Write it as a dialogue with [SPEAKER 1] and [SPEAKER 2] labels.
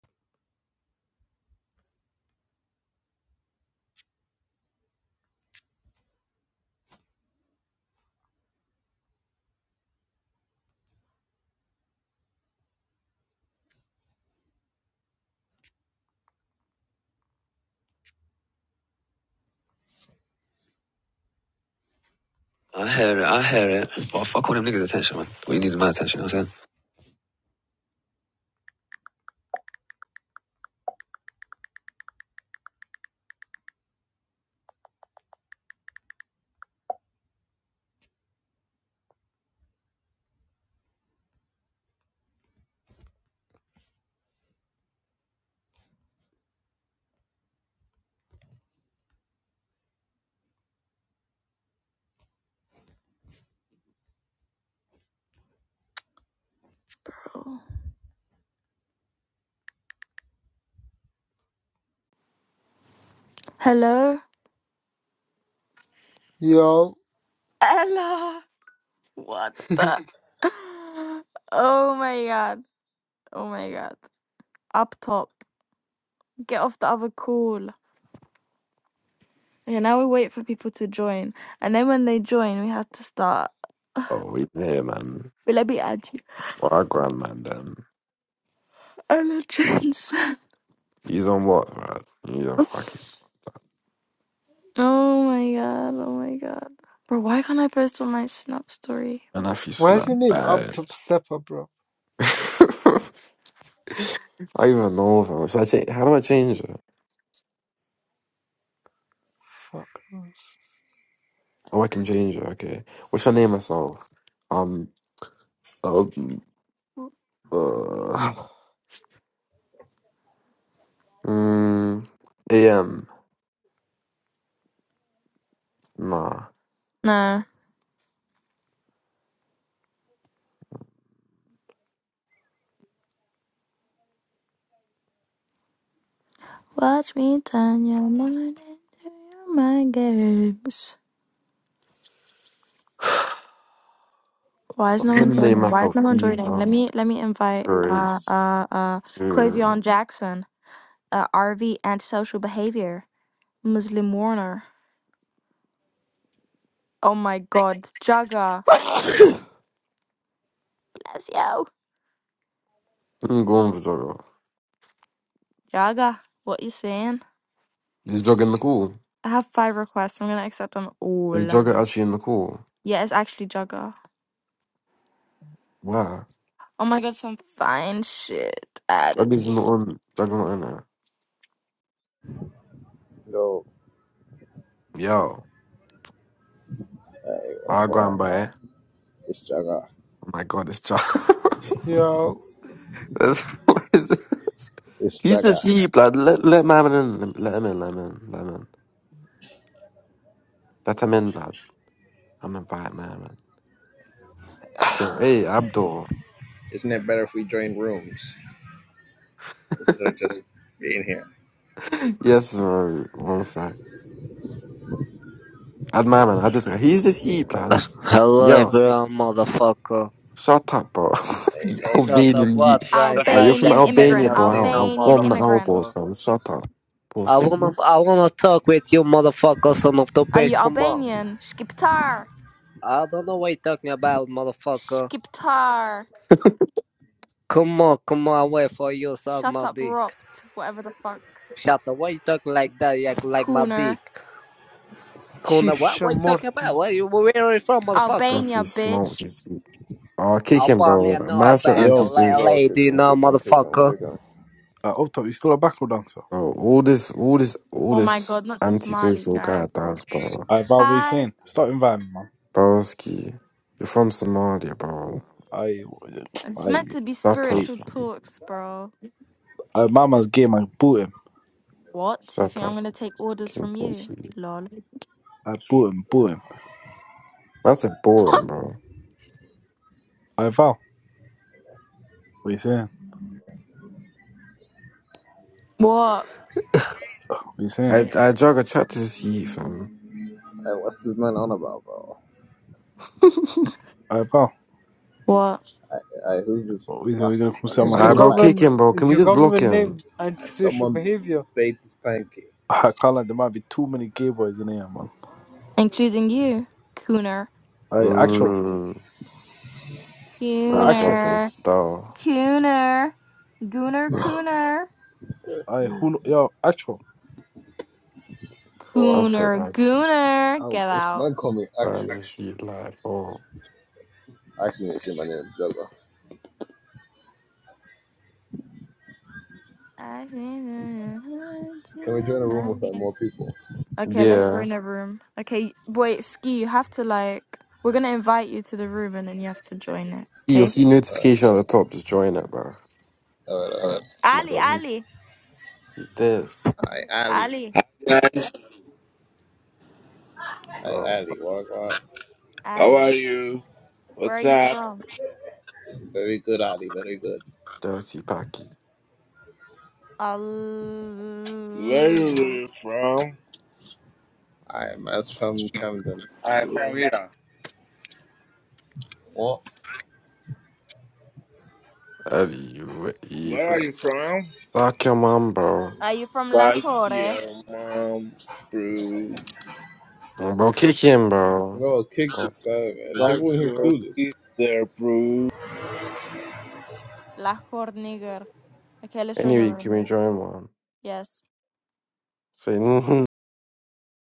[SPEAKER 1] I hear it. I hear it. But fuck all them niggas' attention, man. Well, needed my attention, you know what I'm saying? Hello?
[SPEAKER 2] Yo,
[SPEAKER 1] Ella! What the? Oh my god. Oh my god. Up top. Get off the other call. Okay, now we wait for people to join. And then when they join, we have to start.
[SPEAKER 3] Oh, we been here, man.
[SPEAKER 1] But let me add you.
[SPEAKER 3] Well, our grandman, then.
[SPEAKER 1] Ella Jens.
[SPEAKER 3] He's on what, man? He's a fucking.
[SPEAKER 1] oh my god. Oh my god. Bro, why can't I post on my Snap story?
[SPEAKER 3] Man, I feel
[SPEAKER 2] why is
[SPEAKER 3] slap
[SPEAKER 2] your name up
[SPEAKER 3] bad.
[SPEAKER 2] top stepper, bro?
[SPEAKER 3] I don't even know, fam. Should I change? How do I change it?
[SPEAKER 2] Fuck knows.
[SPEAKER 3] Oh, I can change it, okay. What should I name myself? Um, uh, uh, mm, AM. Nah.
[SPEAKER 1] Nah. Watch me turn your mind into your mind games. Why is
[SPEAKER 3] I'm
[SPEAKER 1] no one
[SPEAKER 3] gonna name
[SPEAKER 1] joining? Why is no
[SPEAKER 3] myself
[SPEAKER 1] one joining?
[SPEAKER 3] Eva
[SPEAKER 1] Let me let me invite uh
[SPEAKER 3] Grace
[SPEAKER 1] uh uh
[SPEAKER 3] Fury.
[SPEAKER 1] Quavion Jackson, uh RV antisocial behavior, Muslim Warner. Oh my God, Jaga,
[SPEAKER 3] I'm
[SPEAKER 1] bless you,
[SPEAKER 3] going for Jogger.
[SPEAKER 1] Jaga. What you saying?
[SPEAKER 3] Is Jogger in the cool?
[SPEAKER 1] I have five requests. I'm gonna accept them
[SPEAKER 3] Is
[SPEAKER 1] all.
[SPEAKER 3] Jogger actually in the cool?
[SPEAKER 1] Yeah, it's actually Jaga.
[SPEAKER 3] Wow.
[SPEAKER 1] Oh my God, some fine shit
[SPEAKER 3] That is
[SPEAKER 1] added.
[SPEAKER 3] not on. That's not on there.
[SPEAKER 4] Go.
[SPEAKER 3] Yo,
[SPEAKER 4] Hey,
[SPEAKER 3] I go and
[SPEAKER 4] boy.
[SPEAKER 3] buy. it.
[SPEAKER 4] It's Jaga.
[SPEAKER 3] Oh my god, this child.
[SPEAKER 2] Yo,
[SPEAKER 3] this, what is this?
[SPEAKER 4] It's
[SPEAKER 3] He's just
[SPEAKER 4] Jaga.
[SPEAKER 3] he, blood. Let let my man in. Let him in. Let him in. Let him in. Let him in, blood. I'm invite my man. Yo, hey Abdul.
[SPEAKER 4] Isn't it better if we join rooms instead of just being here?
[SPEAKER 3] yes, bro. One sec. Add my man. Add this guy. He's a he, blood.
[SPEAKER 5] Hello
[SPEAKER 3] Yo,
[SPEAKER 5] everyone, motherfucker.
[SPEAKER 3] shut up, bro.
[SPEAKER 4] Hey, no
[SPEAKER 5] Shut
[SPEAKER 4] curse.
[SPEAKER 5] up,
[SPEAKER 3] Albanian. You.
[SPEAKER 5] what trying
[SPEAKER 3] Ah, you're
[SPEAKER 5] like
[SPEAKER 3] from
[SPEAKER 1] Albanian
[SPEAKER 5] Jack
[SPEAKER 1] immigrant.
[SPEAKER 3] Albania, bro.
[SPEAKER 5] Daniels, you
[SPEAKER 3] I'll,
[SPEAKER 5] know,
[SPEAKER 3] I'll
[SPEAKER 1] Albanian
[SPEAKER 3] bomb the
[SPEAKER 1] immigrant.
[SPEAKER 3] elbows,
[SPEAKER 5] motherfucker.
[SPEAKER 3] bro. Shut up,
[SPEAKER 5] I
[SPEAKER 3] pussy.
[SPEAKER 5] wanna, I wanna talk with you, motherfucker, son of the
[SPEAKER 1] Are
[SPEAKER 5] bitch.
[SPEAKER 1] you
[SPEAKER 5] Come on.
[SPEAKER 1] Albanian? Skiptar.
[SPEAKER 5] I don't know what you're talking about, motherfucker.
[SPEAKER 1] Skiptar.
[SPEAKER 5] Come on, come on, wait for you, suck
[SPEAKER 1] Shut
[SPEAKER 5] my
[SPEAKER 1] up,
[SPEAKER 5] dick.
[SPEAKER 1] Ropt. Whatever the fuck.
[SPEAKER 5] Shut up, why you talking like that? You act like my dick.
[SPEAKER 1] Cooner.
[SPEAKER 5] Kuna,
[SPEAKER 2] Chief
[SPEAKER 5] what, what you talking about?
[SPEAKER 2] Shamorton.
[SPEAKER 5] Where you, where are you from, motherfucker?
[SPEAKER 3] If you
[SPEAKER 1] Albania,
[SPEAKER 3] smoke,
[SPEAKER 1] bitch.
[SPEAKER 3] just. Oh, kick him,
[SPEAKER 5] Albania,
[SPEAKER 3] bro.
[SPEAKER 5] no
[SPEAKER 3] Man said
[SPEAKER 5] Albania,
[SPEAKER 6] Yo,
[SPEAKER 5] la-
[SPEAKER 4] Bro,
[SPEAKER 3] antisocial.
[SPEAKER 4] kick
[SPEAKER 5] lady, you
[SPEAKER 4] him,
[SPEAKER 5] know,
[SPEAKER 4] kick him, kick him,
[SPEAKER 5] motherfucker.
[SPEAKER 4] kick him.
[SPEAKER 6] uh, up top, you still a backward dancer?
[SPEAKER 3] Bro, all this, all this, all
[SPEAKER 1] Oh my
[SPEAKER 3] this
[SPEAKER 1] god, not this Mali
[SPEAKER 3] antisocial
[SPEAKER 1] guy,
[SPEAKER 3] guy
[SPEAKER 1] bro.
[SPEAKER 3] does, bro.
[SPEAKER 6] I by what you
[SPEAKER 1] Hi.
[SPEAKER 6] saying? Stop inviting me, man.
[SPEAKER 3] Broski, you're from Somalia, bro.
[SPEAKER 6] I,
[SPEAKER 1] It's
[SPEAKER 6] I,
[SPEAKER 1] meant to be
[SPEAKER 3] Shut
[SPEAKER 6] I,
[SPEAKER 3] up,
[SPEAKER 1] spiritual
[SPEAKER 3] man.
[SPEAKER 1] talks, bro.
[SPEAKER 6] I, my man's game. I boot him.
[SPEAKER 1] What? You
[SPEAKER 3] Shut
[SPEAKER 1] think I'm
[SPEAKER 3] up.
[SPEAKER 1] gonna take orders
[SPEAKER 3] King
[SPEAKER 1] from you?
[SPEAKER 3] Pussy.
[SPEAKER 1] Lol.
[SPEAKER 6] I boot him. Boot him.
[SPEAKER 3] That's a boring, bro.
[SPEAKER 6] I Val, what you saying?
[SPEAKER 1] What?
[SPEAKER 6] What you saying?
[SPEAKER 3] I, I jog a chat to this youth, fam.
[SPEAKER 4] Hey, what's this man on about, bro?
[SPEAKER 6] I Val,
[SPEAKER 1] What,
[SPEAKER 4] I, I, who's this
[SPEAKER 6] what you saying? We gonna
[SPEAKER 4] fussy
[SPEAKER 6] come
[SPEAKER 4] man?
[SPEAKER 6] sit on my
[SPEAKER 2] Is
[SPEAKER 4] Who's
[SPEAKER 2] your
[SPEAKER 4] this
[SPEAKER 3] Alright, bro,
[SPEAKER 6] face?
[SPEAKER 4] bite
[SPEAKER 3] kick
[SPEAKER 2] govern
[SPEAKER 4] man?
[SPEAKER 3] him, bro. Can
[SPEAKER 2] is
[SPEAKER 3] we
[SPEAKER 2] your
[SPEAKER 3] just block
[SPEAKER 2] government
[SPEAKER 3] him?
[SPEAKER 2] name
[SPEAKER 4] Hey,
[SPEAKER 2] antisocial
[SPEAKER 4] someone
[SPEAKER 2] behavior?
[SPEAKER 4] bait this pancake.
[SPEAKER 6] I can't lie. There might be too many gay boys in here, man.
[SPEAKER 1] including you, Cooner.
[SPEAKER 6] I actual,
[SPEAKER 3] Mmm. One
[SPEAKER 6] I actual.
[SPEAKER 3] second,
[SPEAKER 1] Cooner.
[SPEAKER 3] star.
[SPEAKER 1] Cooner. Gooner, Cooner.
[SPEAKER 6] I who? Yo, actual.
[SPEAKER 4] Alright,
[SPEAKER 3] That's
[SPEAKER 4] fam.
[SPEAKER 3] an
[SPEAKER 1] Cooner,
[SPEAKER 3] actual
[SPEAKER 1] Gooner. Get
[SPEAKER 6] I
[SPEAKER 1] out.
[SPEAKER 4] Man, call me
[SPEAKER 3] brand.
[SPEAKER 4] actual.
[SPEAKER 3] This is live. Oh,
[SPEAKER 4] Actually, shit, my name is Jaga.
[SPEAKER 1] I need to
[SPEAKER 4] Can we join
[SPEAKER 1] your
[SPEAKER 4] a room with like
[SPEAKER 1] mind.
[SPEAKER 4] more people?
[SPEAKER 1] Okay, let's go
[SPEAKER 3] yeah.
[SPEAKER 1] in the room. Okay, wait, Ski, you have to like. We're gonna invite you to the room and then you have to join it,
[SPEAKER 3] You'll
[SPEAKER 1] okay?
[SPEAKER 3] see
[SPEAKER 4] Alright,
[SPEAKER 3] notification at the top. Just join it, bro.
[SPEAKER 4] alright, alright.
[SPEAKER 3] Oh my
[SPEAKER 1] Ali,
[SPEAKER 3] god, he-
[SPEAKER 1] Ali,
[SPEAKER 3] he's this.
[SPEAKER 4] Aye, Ali.
[SPEAKER 1] Ali,
[SPEAKER 7] guys.
[SPEAKER 4] Aye,
[SPEAKER 3] Oh,
[SPEAKER 4] Ali. Walk, walk.
[SPEAKER 7] How
[SPEAKER 1] Ali,
[SPEAKER 7] are you?
[SPEAKER 1] where are
[SPEAKER 7] What's
[SPEAKER 1] you
[SPEAKER 7] up?
[SPEAKER 1] from?
[SPEAKER 4] Very good, Ali. Very good.
[SPEAKER 3] dirty Packy.
[SPEAKER 7] Where are
[SPEAKER 1] Allah.
[SPEAKER 7] you from?
[SPEAKER 4] I am as from Camden.
[SPEAKER 7] I'm from Iran.
[SPEAKER 4] What?
[SPEAKER 3] Eddie, you eat,
[SPEAKER 7] where are
[SPEAKER 3] but
[SPEAKER 7] you from?
[SPEAKER 3] fuck your mum, bro.
[SPEAKER 1] Are you from
[SPEAKER 7] Like
[SPEAKER 1] Lahore?
[SPEAKER 7] your mom, bro.
[SPEAKER 3] Bro, kick him,
[SPEAKER 4] I'm
[SPEAKER 3] bro.
[SPEAKER 4] gonna kick
[SPEAKER 3] Oh,
[SPEAKER 4] this guy, man. Is
[SPEAKER 7] Like
[SPEAKER 4] everyone here
[SPEAKER 7] your
[SPEAKER 4] clueless?
[SPEAKER 7] sister, bro.
[SPEAKER 1] Lahore Nigar, a Khalistan
[SPEAKER 3] anyway, you can be join one.
[SPEAKER 1] Yes.
[SPEAKER 3] Say,